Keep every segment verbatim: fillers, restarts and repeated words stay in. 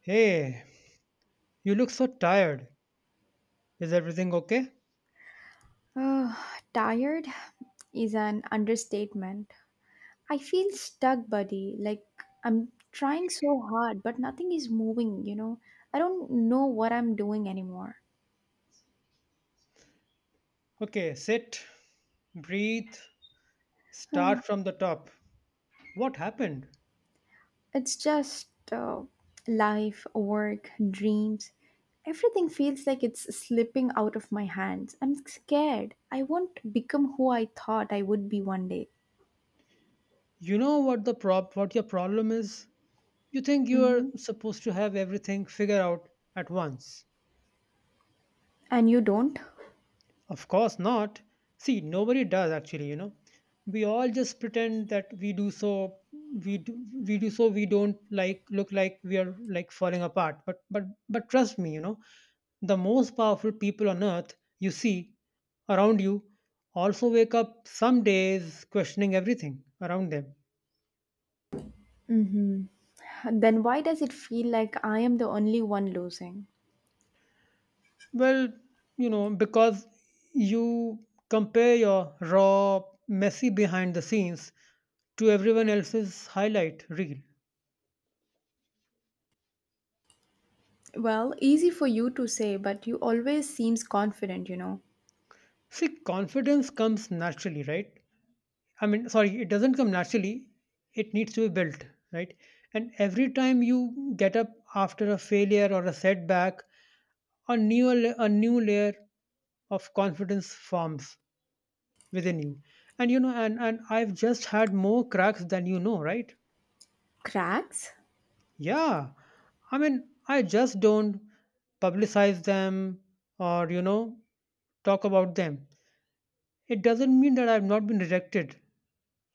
Hey, you look so tired. Is everything okay? Uh, Tired is an understatement. I feel stuck, buddy. Like I'm trying so hard, but nothing is moving, you know? I don't know what I'm doing anymore. Okay, sit, breathe, Um, start from the top. What happened? it's just uh, life, work, dreams. Everything feels like it's slipping out of my hands. I'm scared. I won't become who I thought I would be one day. You know what the prob what your problem is? You think you Hmm. are supposed to have everything figured out at once. And you don't? Of course not. See, nobody does actually, you know. We all just pretend that we do, so we do, we do so we don't, like, look like we are, like, falling apart. But but but trust me, you know, the most powerful people on earth you see around you also wake up some days questioning everything around them. Hmm. Then why does it feel like I am the only one losing? Well, you know, because you compare your raw, messy behind the scenes to everyone else's highlight reel. Well, easy for you to say, but you always seems confident, you know. See, confidence comes naturally, right? I mean, sorry, it doesn't come naturally. It needs to be built, right? And every time you get up after a failure or a setback, a new la- a new layer of confidence forms within you. And you know, and and I've just had more cracks than you know, right? Cracks? Yeah. I mean, I just don't publicize them or, you know, talk about them. It doesn't mean that I've not been rejected,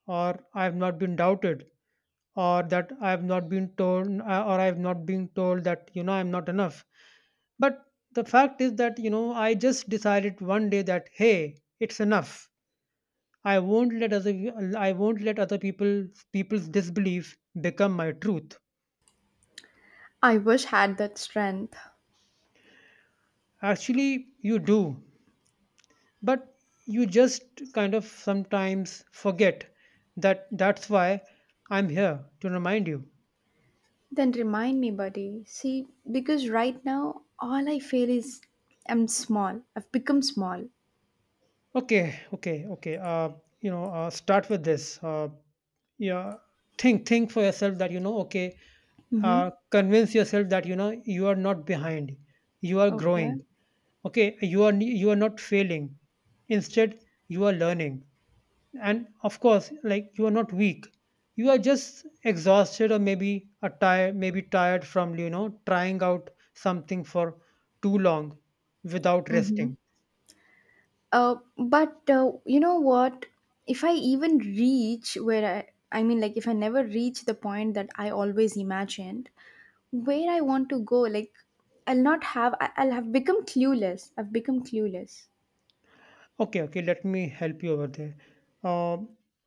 or I have not been doubted, or that I have not been told uh, or I have not been told that, you know, I'm not enough. But the fact is that, you know, I just decided one day that, hey, it's enough. I won't let other I won't let other people, people's disbelief become my truth. I wish had that strength. Actually, you do, but you just kind of sometimes forget that. That's why I'm here to remind you. Then remind me, buddy. See, because right now all I feel is I'm small. I've become small. Okay, okay, okay. Uh, you know, uh, start with this. Uh, yeah, think, think for yourself that, you know, okay, uh, Mm-hmm. convince yourself that, you know, you are not behind. You are Okay. growing. Okay, you are you are not failing. Instead, you are learning. And of course, like, you are not weak. You are just exhausted, or maybe a tired, maybe tired from, you know, trying out something for too long without Mm-hmm. resting. Uh, but uh, you know what? If I even reach where I, I mean, like, if I never reach the point that I always imagined, where I want to go, like, I'll not have, I- I'll have become clueless. I've become clueless. Okay, okay, Let me help you over there. Uh,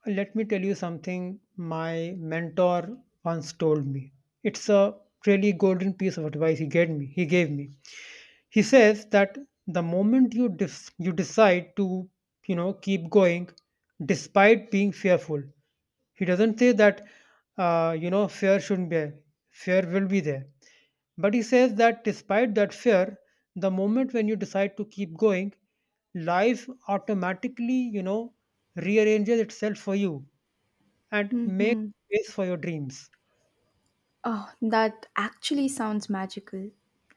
Let me tell you something my mentor once told me. It's a really golden piece of advice he gave me. He gave me. He says that the moment you dis- you decide to, you know, keep going despite being fearful. He doesn't say that, uh, you know, fear shouldn't be there. Fear will be there. But he says that despite that fear, the moment when you decide to keep going, life automatically, you know, rearranges itself for you and makes Mm-hmm. space for your dreams. Oh, that actually sounds magical.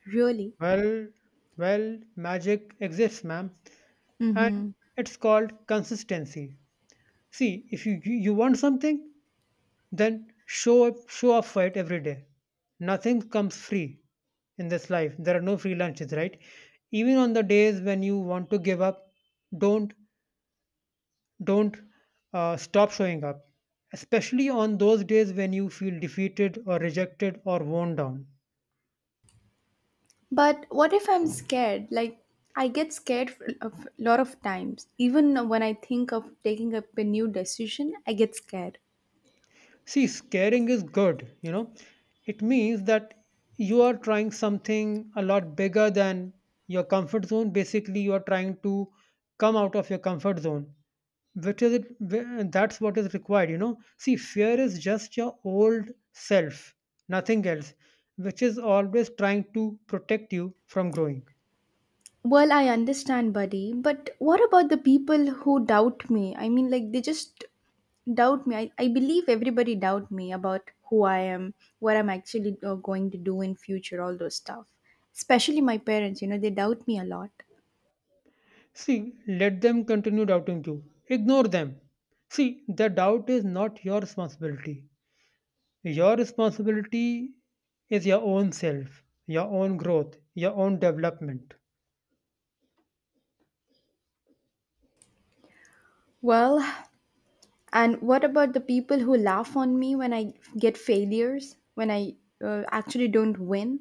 Really? Well, well, magic exists, ma'am, and Mm-hmm. it's called consistency. See, if you you you want something, then show up, show up for it every day. Nothing comes free in this life. There are no free lunches, right? Even on the days when you want to give up, don't don't uh, stop showing up. Especially on those days when you feel defeated or rejected or worn down. But what if I'm scared? Like, I get scared f- of a lot of times. Even when I think of taking up a new decision, I get scared. See, scaring is good, you know. It means that you are trying something a lot bigger than your comfort zone. Basically, you are trying to come out of your comfort zone, which is it, wh- that's what is required, you know. See, fear is just your old self, nothing else, which is always trying to protect you from growing. Well, I understand, buddy, but what about the people who doubt me? I mean, like, they just doubt me. I, I believe everybody doubt me about who I am, what I'm actually uh, going to do in future, all those stuff. Especially my parents, you know, they doubt me a lot. See, let them continue doubting you. Ignore them. See, the doubt is not your responsibility. Your responsibility is your own self, your own growth, your own development. Well, and what about the people who laugh on me when I get failures, when I uh, actually don't win?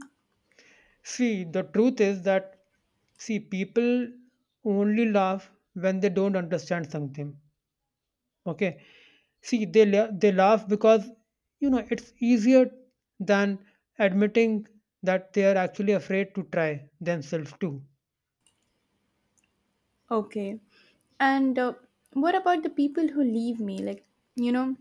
See, the truth is that, see, people only laugh when they don't understand something. Okay. See, they, la- they laugh because, you know, it's easier than admitting that they are actually afraid to try themselves too. Okay. And uh, what about the people who leave me? Like, you know,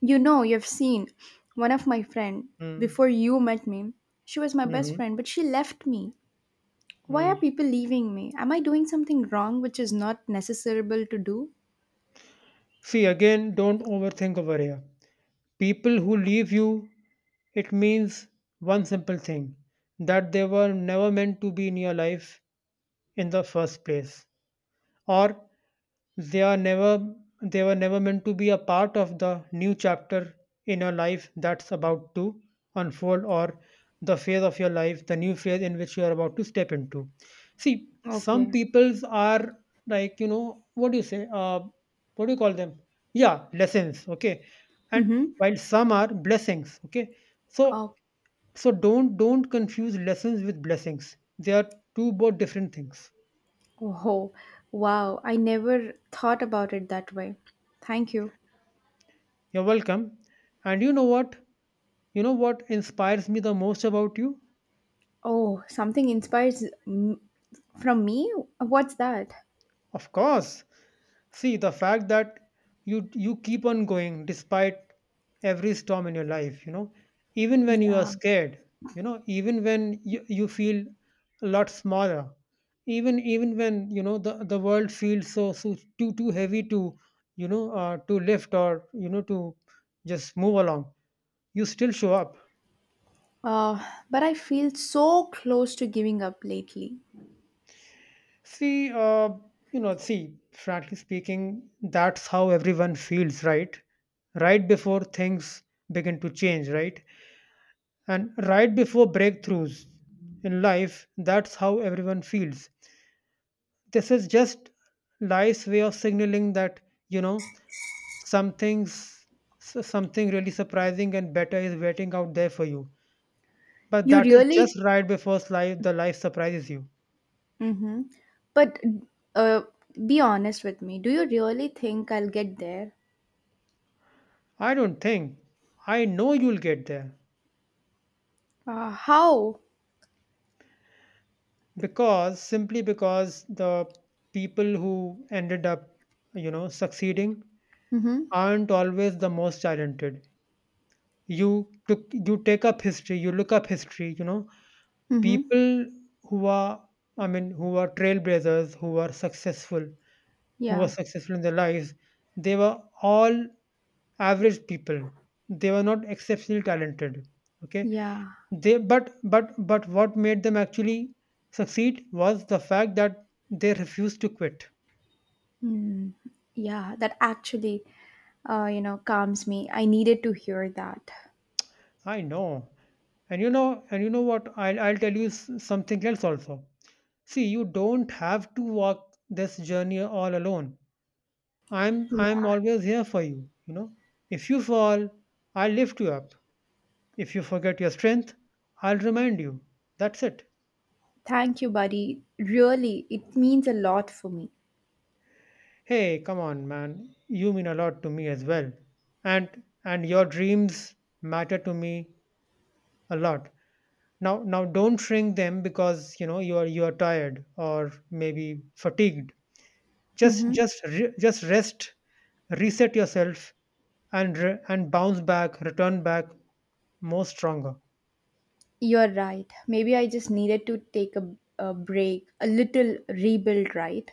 you know, you've seen one of my friend before you met me. She was my best Mm-hmm. friend, but she left me. Why are people leaving me? Am I doing something wrong which is not necessarable to do? See, again, don't overthink over here. People who leave you, it means one simple thing, that they were never meant to be in your life in the first place, or they are never they were never meant to be a part of the new chapter in your life that's about to unfold, or the phase of your life, the new phase in which you are about to step into. See, some Okay. peoples are like, you know, what do you say, uh what do you call them, yeah, lessons, okay, and Mm-hmm. while some are blessings, okay. So Oh, so don't don't confuse lessons with blessings. They are two both different things. oh, wow. I never thought about it that way. Thank you. You're welcome. And you know what? You know what inspires me the most about you? Oh, something inspires m- from me? What's that? Of course. See, the fact that you you keep on going despite every storm in your life, you know, even when you are Yeah. scared, you know, even when you, you feel a lot smaller, even even when, you know, the, the world feels so, so too too heavy to, you know, uh, to lift, or, you know, to just move along, you still show up. Uh, but I feel so close to giving up lately. See, uh, you know, see, frankly speaking, that's how everyone feels, right? Right before things begin to change, right? And right before breakthroughs in life, that's how everyone feels. This is just life's way of signaling that, you know, something's s- something really surprising and better is waiting out there for you. But You that is really. just right before life the life surprises you. Mm-hmm. But uh, be honest with me. Do you really think I'll get there? I don't think. I know you'll get there. Uh, how? Because simply because the people who ended up, you know, succeeding Mm-hmm. aren't always the most talented. You took you take up history, you look up history, you know, Mm-hmm. people who are, I mean, who are trailblazers, who are successful, who were Yeah. successful in their lives, they were all average people. They were not exceptionally talented, okay. Yeah. They, but but but what made them actually succeed was the fact that they refused to quit. Mm. Yeah. That actually, uh, you know, calms me. I needed to hear that. I know. And you know, and you know what? I'll I'll tell you s- something else also. See, you don't have to walk this journey all alone. I'm Yeah. I'm always here for you, you know. If you fall, I'll lift you up. If you forget your strength, I'll remind you. That's it. Thank you, buddy. Really, it means a lot for me. Hey, come on, man. You mean a lot to me as well. And and your dreams matter to me a lot. Now now don't shrink them because, you know, you are you are tired or maybe fatigued. Just Mm-hmm. just re- just rest, reset yourself, and re- and bounce back, return back more stronger. You're right. Maybe I just needed to take a, a break, a little rebuild, right?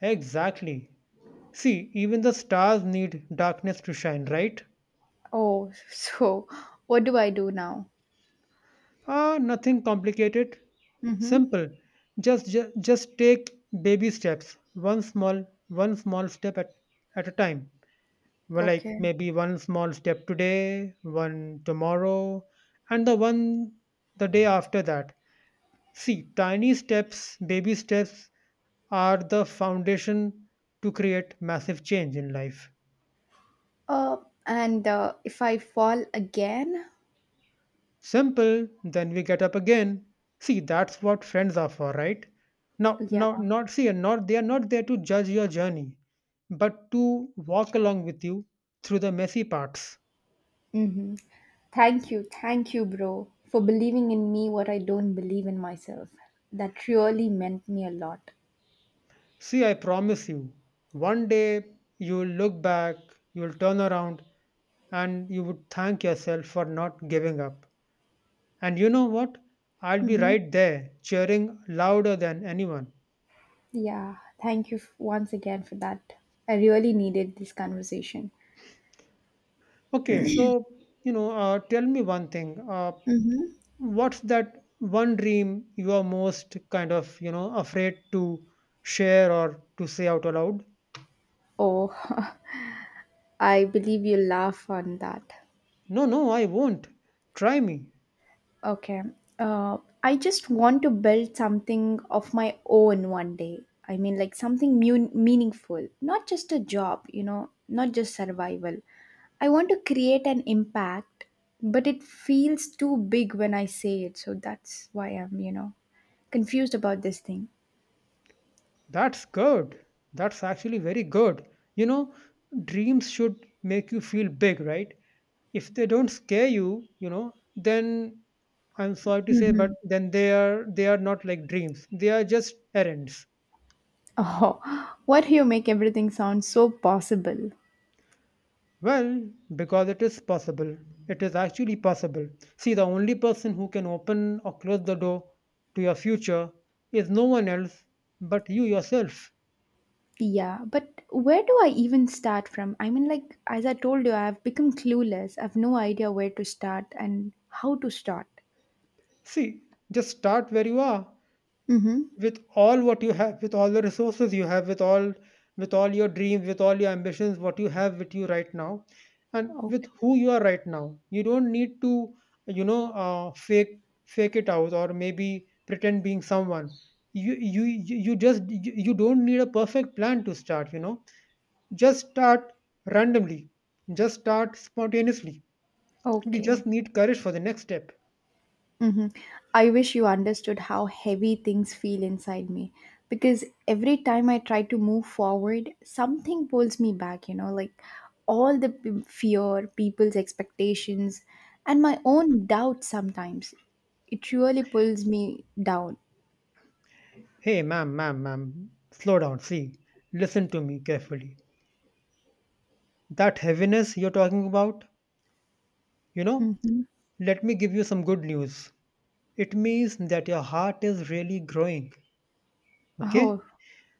Exactly. See, even the stars need darkness to shine, right? Oh, so what do I do now? Ah, nothing complicated. Mm-hmm. Simple. Just, just just take baby steps. One small one small step at, at a time. Well, like, Okay. maybe one small step today, one tomorrow, and the one the day after that. See, tiny steps, baby steps are the foundation to create massive change in life. Uh, and uh, if I fall again, Simple, then we get up again. See, that's what friends are for, right? Now, yeah. now, not see, and not They are not there to judge your journey, but to walk along with you through the messy parts. Mm-hmm. Thank you, thank you, bro, for believing in me what I don't believe in myself. That really meant me a lot. See, I promise you, one day you will look back, you will turn around, and you would thank yourself for not giving up. And you know what? I'll be Mm-hmm. right there, cheering louder than anyone. Yeah, thank you f- once again for that. I really needed this conversation. Okay, so, you know, uh, tell me one thing. Uh, Mm-hmm. What's that one dream you are most kind of, you know, afraid to share or to say out aloud? Oh, I believe you laugh on that. No, no, I won't. Try me. Okay. Uh, I just want to build something of my own one day. I mean, like something mu- meaningful, not just a job, you know, not just survival. I want to create an impact, but it feels too big when I say it. So that's why I'm, you know, confused about this thing. That's good. That's actually very good. You know, dreams should make you feel big, right? If they don't scare you, you know, then, I'm sorry to say, but Hmm. then they are they are not like dreams, they are just errands. Oh, what you make everything sound so possible. Well, because it is possible. It is actually possible. See, the only person who can open or close the door to your future is no one else but you yourself. Yeah, but where do I even start from? I mean, like, as I told you, I've become clueless. I've no idea where to start and how to start. See, just start where you are. Mm-hmm. With all what you have, with all the resources you have, with all with all your dreams, with all your ambitions, what you have with you right now, and with Okay. who you are right now, you don't need to, you know, uh, fake fake it out or maybe pretend being someone. You you you you just you You don't need a perfect plan to start. You know, just start randomly, just start spontaneously. You Okay. just need courage for the next step. Mm-hmm. I wish you understood how heavy things feel inside me because every time I try to move forward, something pulls me back, you know, like all the p- fear, people's expectations, and my own doubts sometimes. It really pulls me down. Hey, ma'am, ma'am, ma'am, slow down. See, listen to me carefully. That heaviness you're talking about, you know, Mm-hmm. let me give you some good news. It means that your heart is really growing. Okay? Oh,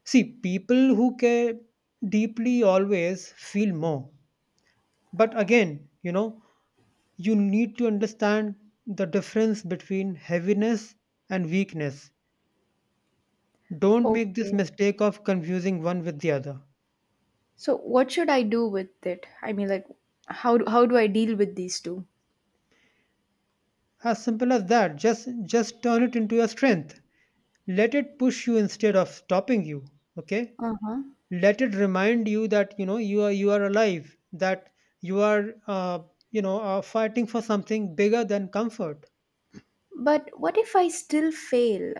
See, people who care deeply always feel more. But again, you know, you need to understand the difference between heaviness and weakness. Don't make this okay. mistake of confusing one with the other. So what should I do with it? I mean, like, how do, how do I deal with these two? As simple as that. Just just turn it into your strength. Let it push you instead of stopping you. Okay? Uh huh. Let it remind you that you know you are you are alive, that you are uh, you know are fighting for something bigger than comfort. But what if I still fail?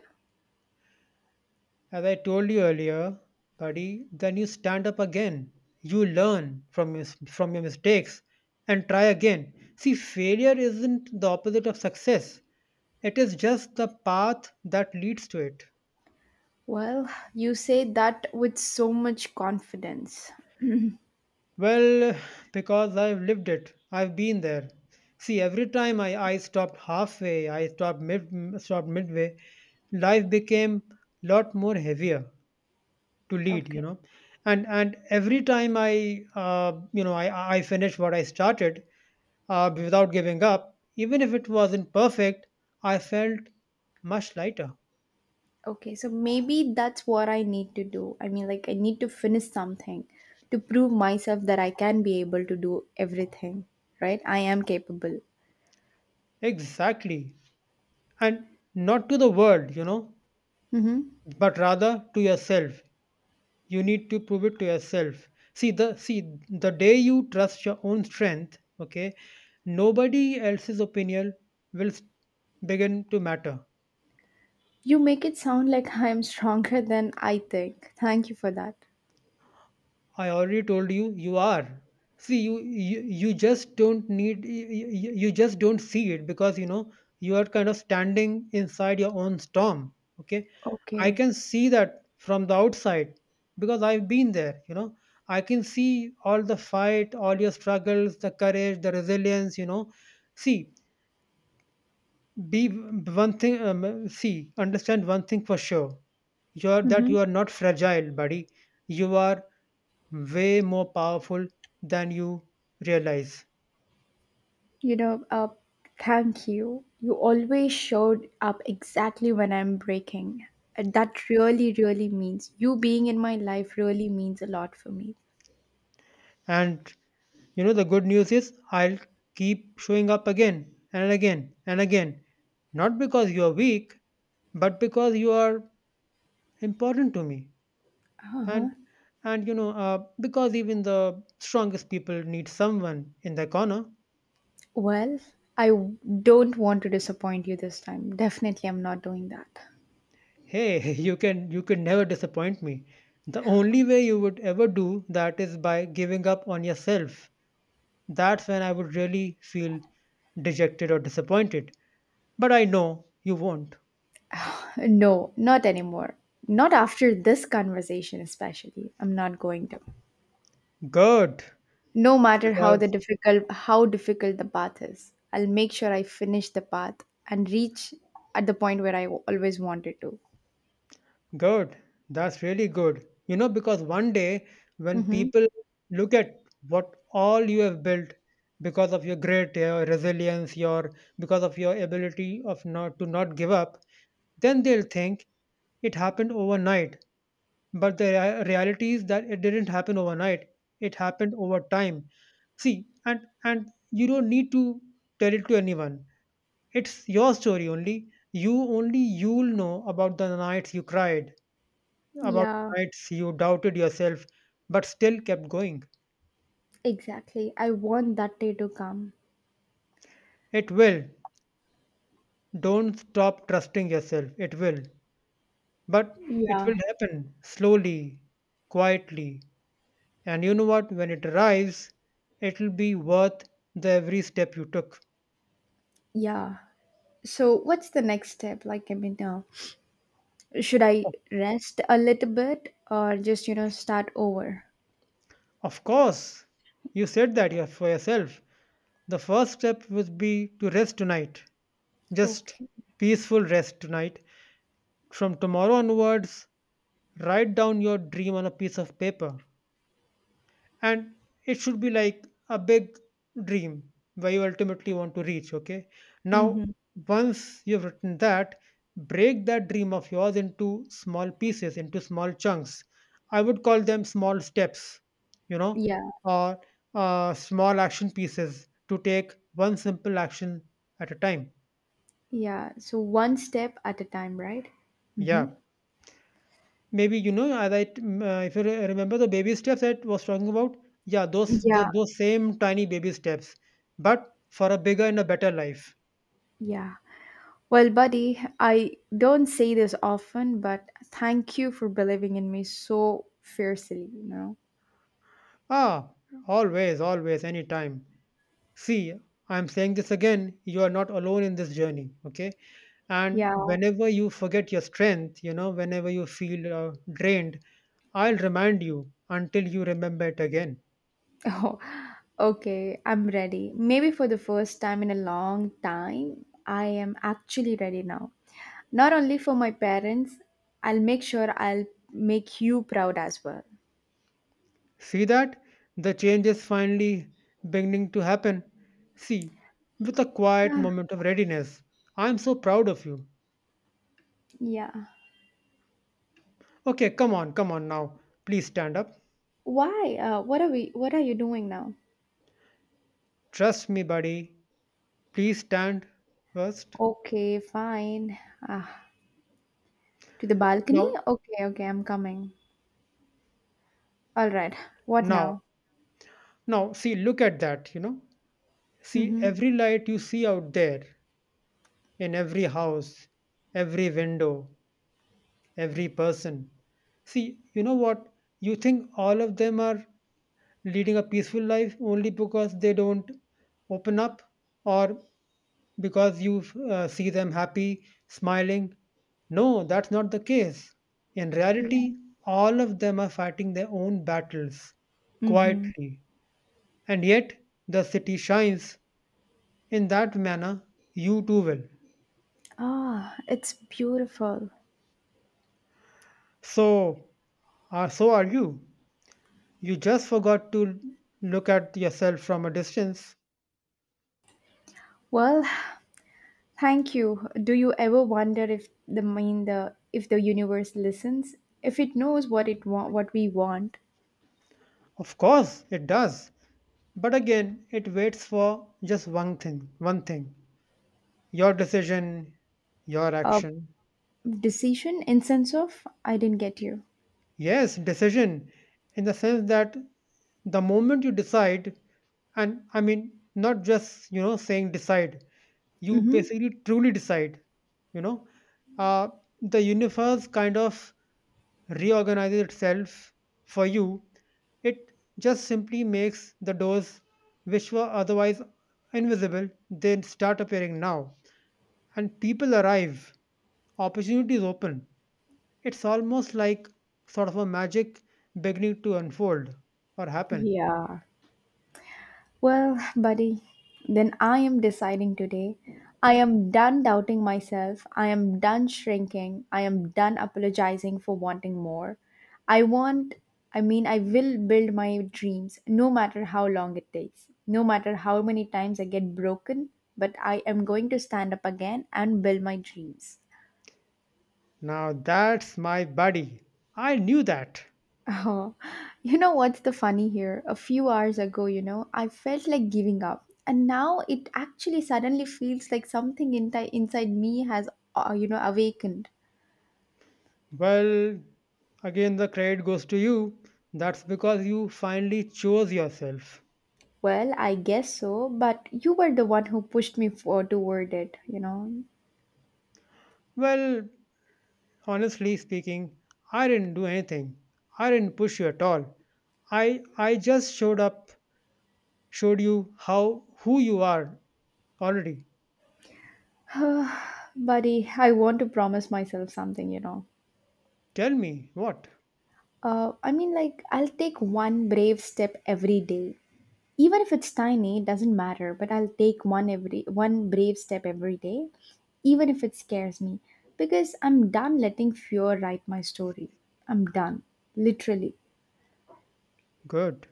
As I told you earlier, buddy, then you stand up again. You learn from your, from your mistakes and try again. See, failure isn't the opposite of success, it is just the path that leads to it. Well, you say that with so much confidence. Well, because I've lived it. I've been there. See, every time I, I stopped halfway, I stopped mid stopped midway, life became lot more heavier to lead, you Okay. know. And and every time I uh, you know I I finished what I started, uh, without giving up, even if it wasn't perfect, I felt much lighter. Okay. So maybe that's what I need to do. I mean, like, I need to finish something to prove myself that I can be able to do everything, right? I am capable. Exactly. And not to the world, you know, Mm-hmm. but rather to yourself. You need to prove it to yourself. See the see the day you trust your own strength, okay, nobody else's opinion will s- begin to matter. You make it sound like I am stronger than I think. Thank you for that. I already told you you are. See, you you, you just don't need you, you you just don't see it because, you know, you are kind of standing inside your own storm. Okay, I Okay. can see that from the outside because I've been there. You know, I can see all the fight, all your struggles, the courage, the resilience. You know, see be one thing. Um, see, understand one thing for sure. You are that Mm-hmm. You are not fragile, buddy. You are way more powerful than you realize. You know, uh, thank you. You always showed up exactly when I'm breaking. And that really, really means you being in my life really means a lot for me. And, you know, the good news is I'll keep showing up again and again and again. Not because you are weak, but because you are important to me. Uh-huh. And and you know uh, because even the strongest people need someone in their corner. Well, I w- don't want to disappoint you this time. Definitely, I'm not doing that. Hey, you can you can never disappoint me. The only way you would ever do that is by giving up on yourself. That's when I would really feel dejected or disappointed. But I know you won't. No, not anymore. Not after this conversation, especially. I'm not going to. Good. No matter how the Because difficult how difficult the path is, I'll make sure I finish the path and reach at the point where I w- always wanted to. Good. That's really good. You know, because one day when Mm-hmm. people look at what all you have built because of your grit, your resilience, your because of your ability of not to not give up, then they'll think it happened overnight. But the rea- reality is that it didn't happen overnight. It happened over time. See, and and you don't need to tell it to anyone. It's your story only. You only you'll know about the nights you cried, about Yeah, nights you doubted yourself but still kept going. exactly. I want that day to come. It will. Don't stop trusting yourself. It will. But it Yeah, will happen slowly, quietly. And you know what? When it arrives, it will be worth the every step you took. yeah. So, what's the next step? Like, I mean, uh, should I rest a little bit or just, you know, start over? Of course, you said that your- for yourself. The first step would be to rest tonight. Just Okay. peaceful rest tonight. From tomorrow onwards, write down your dream on a piece of paper, and it should be like a big dream, where you ultimately want to reach. Okay, now Mm-hmm. once you've written that, break that dream of yours into small pieces, into small chunks. I would call them small steps, you know, Yeah, or uh, small action pieces, to take one simple action at a time. yeah. So, one step at a time, right? Mm-hmm. Yeah. Maybe, you know, as I t- m- uh, if you re- remember the baby steps I was talking about, yeah, those the, Yeah, those same tiny baby steps, but for a bigger and a better life. yeah. Well, buddy, I don't say this often, but thank you for believing in me so fiercely, you know? Ah, always, always, anytime. See, I'm saying this again. You are not alone in this journey. Okay, and Yeah. whenever you forget your strength, you know, whenever you feel uh, drained, I'll remind you until you remember it again. Oh, okay. I'm ready. Maybe for the first time in a long time, I am actually ready now. Not only for my parents, I'll make sure I'll make you proud as well. See that? The change is finally beginning to happen. See, with a quiet moment of readiness. I'm so proud of you. Yeah. Okay, come on, come on now. Please stand up. Why? Uh, what are we what are you doing now? Trust me, buddy. Please stand first. Okay, fine. Ah, to the balcony? Now, Okay, okay, I'm coming. All right. What now, now? Now, see, look at that, you know. See, Mm-hmm. every light you see out there, in every house, every window, every person. See, you know what? You think all of them are leading a peaceful life only because they don't open up, or because you uh, see them happy, smiling. No, that's not the case. In Yeah. reality, all of them are fighting their own battles Mm-hmm. quietly, and yet the city shines in that manner. You too will. Ah, it's beautiful. So, uh, so are you. You just forgot to look at yourself from a distance. Well, thank you. Do you ever wonder if the mean the if the universe listens, if it knows what it want, what we want? Of course, it does. But again, it waits for just one thing, one thing. Your decision, your A action. decision in sense of I didn't get you. Yes, decision in the sense that the moment you decide, and I mean not just, you know, saying decide, you Mm-hmm. basically truly decide, you know, uh, the universe kind of reorganizes itself for you. It just simply makes the doors which were otherwise invisible, they start appearing now. And people arrive, opportunities open. It's almost like sort of a magic beginning to unfold or happen. Yeah. Well, buddy, then I am deciding today. I am done doubting myself. I am done shrinking. I am done apologizing for wanting more. I want, I mean, I will build my dreams no matter how long it takes, no matter how many times I get broken, but I am going to stand up again and build my dreams. Now that's my buddy. I knew that. Oh, you know what's the funny here? A few hours ago, you know, I felt like giving up. And now it actually suddenly feels like something inti- inside me has, uh, you know, awakened. Well, again, the credit goes to you. That's because you finally chose yourself. Well, I guess so, but you were the one who pushed me for toward it, you know. Well, honestly speaking, I didn't do anything. I didn't push you at all. I I just showed up, showed you how who you are already. Buddy, I want to promise myself something, you know. Tell me what? Uh, I mean, like, I'll take one brave step every day. Even if it's tiny, it doesn't matter, but I'll take one every one brave step every day, even if it scares me, because I'm done letting fear write my story. I'm done, literally. Good.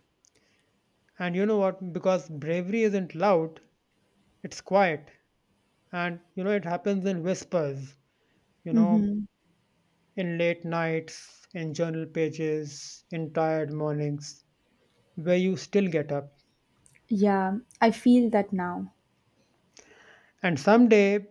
And you know what? Because bravery isn't loud, it's quiet. And you know, it happens in whispers, you know, Mm-hmm. in late nights, in journal pages, in tired mornings, where you still get up. Yeah, I feel that now. And someday,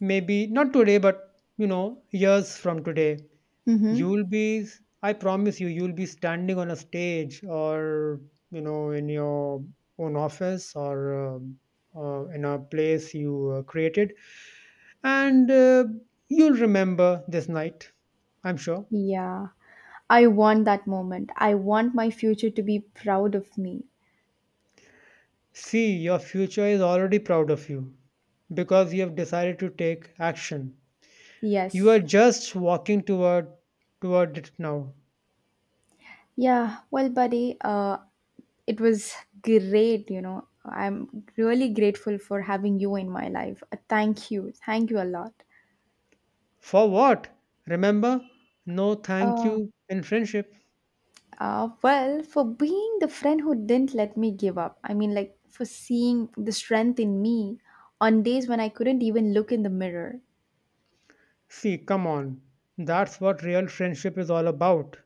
maybe not today, but you know, years from today, Mm-hmm. you'll be, I promise you, you'll be standing on a stage, or, you know, in your own office, or um, uh, in a place you uh, created. And uh, you'll remember this night, I'm sure. Yeah, I want that moment. I want my future to be proud of me. See, your future is already proud of you because you have decided to take action. You Yes. are just walking toward toward it now. Yeah, well, buddy, uh, it was great, you know. I'm really grateful for having you in my life. Uh, Thank you. Thank you a lot. For what? Remember? No thank Uh, you in friendship. uh, well, for being the friend who didn't let me give up. I mean, like, for seeing the strength in me on days when I couldn't even look in the mirror. See, come on. That's what real friendship is all about.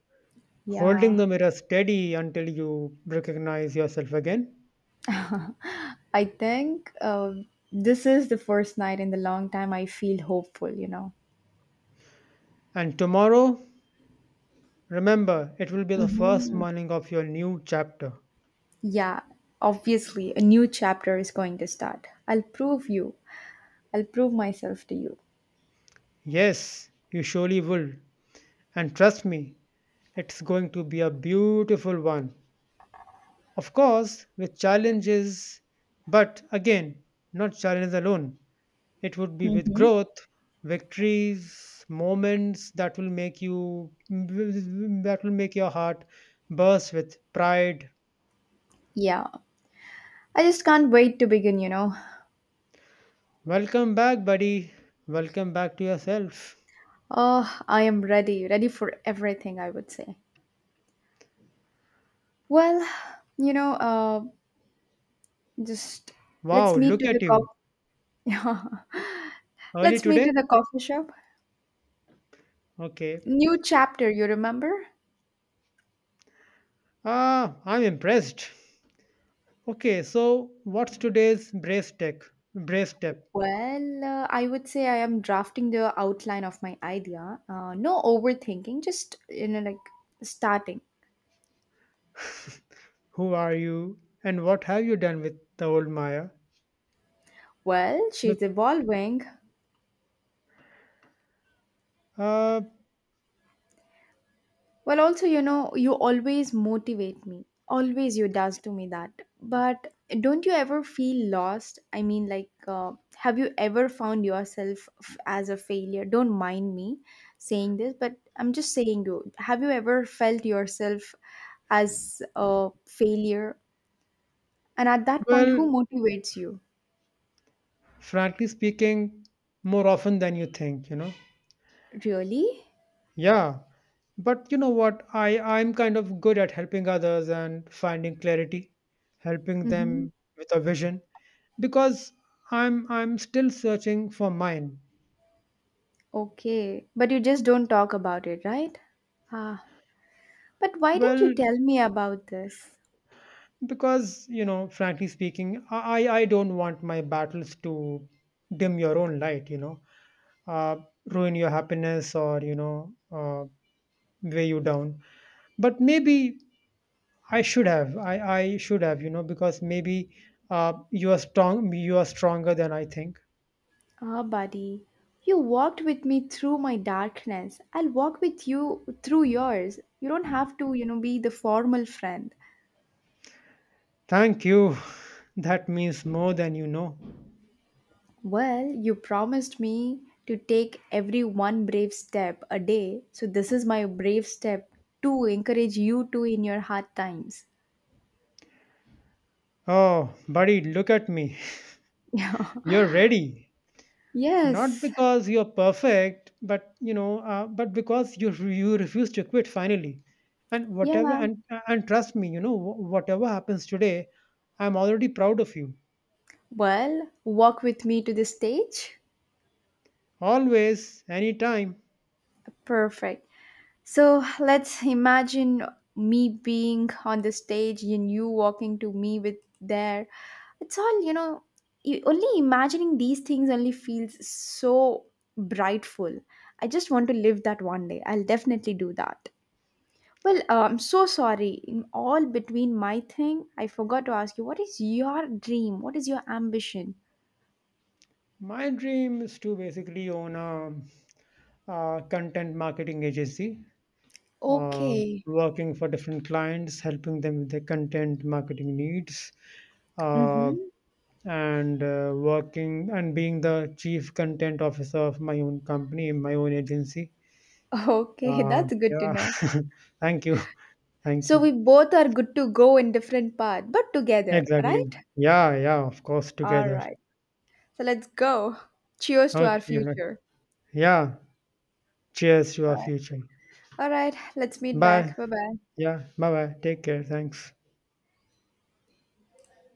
Holding Yeah. the mirror steady until you recognize yourself again. I think uh, this is the first night in the long time I feel hopeful, you know. And tomorrow, remember, it will be the first Hmm. morning of your new chapter. Yeah, obviously, a new chapter is going to start. I'll prove you. I'll prove myself to you. Yes, you surely will. And trust me, it's going to be a beautiful one. Of course, with challenges, but again, not challenges alone. It would be with Mm-hmm. growth, victories, moments that will make you that will make your heart burst with pride. Yeah. I just can't wait to begin, you know. Welcome back, buddy. Welcome back to yourself. Oh, I am ready, ready for everything, I would say. Well, you know, uh, just let's Wow, meet look to the at you. coffee. Early Let's meet to today? the coffee shop. Okay. New chapter, you remember? Ah, I'm impressed. Okay, so what's today's brace tech? Brace step. Well, uh, I would say I am drafting the outline of my idea. Uh, no overthinking, just, you know, like starting. Who are you and what have you done with the old Maya? Well, With she's evolving. uh Well, also, you know, you always motivate me. Always you does to me that. But don't you ever feel lost? I mean, like, uh, have you ever found yourself f- as a failure? Don't mind me saying this, but I'm just saying you. Have you ever felt yourself as a failure? And at that point, well, who motivates you? frankly speaking, more often than you think, you know. Really? Yeah. But you know what? I I'm kind of good at helping others and finding clarity, helping Mm-hmm. them with a vision because I'm I'm still searching for mine. Okay. But you just don't talk about it, right? Ah. But why didn't Well, you tell me about this? because, you know, frankly speaking, I, I I don't want my battles to dim your own light, you know, uh, ruin your happiness, or, you know, uh, weigh you down. But maybe I should have. I, I should have, you know, because maybe uh, you are strong. You are stronger than I think. Ah, buddy, you walked with me through my darkness. I'll walk with you through yours. You don't have to, you know, be the formal friend. Thank you. That means more than you know. Well, you promised me to take every one brave step a day. So this is my brave step to encourage you too in your hard times. Oh, buddy, look at me. Yeah. You're ready. Not Yes. because you're perfect, but you know, uh, but because you you refuse to quit finally. and whatever Yeah. and and trust me, you know, wh- whatever happens today, I'm already proud of you. Well, walk with me to the stage. Always, anytime. Perfect. So let's imagine me being on the stage and you walking to me with there. It's all, you know, you, only imagining these things only feels so brightful. I just want to live that one day. I'll definitely do that. Well, uh, I'm so sorry. In all between my thing, I forgot to ask you what is your dream? What is your ambition? My dream is to basically own a, a content marketing agency, uh, Okay. working for different clients, helping them with their content marketing needs, uh, Mm-hmm. and uh, working and being the chief content officer of my own company, my own agency. Okay, Uh, that's good to yeah, know. thank you, thank So you. we both are good to go in different path, but together, Exactly. right? Yeah, yeah, of course, All together. right. So let's go. Cheers to our Okay, like- future. yeah. Cheers to our future. All right. Let's meet Bye. back. Bye bye. Yeah, bye bye. Take care. Thanks.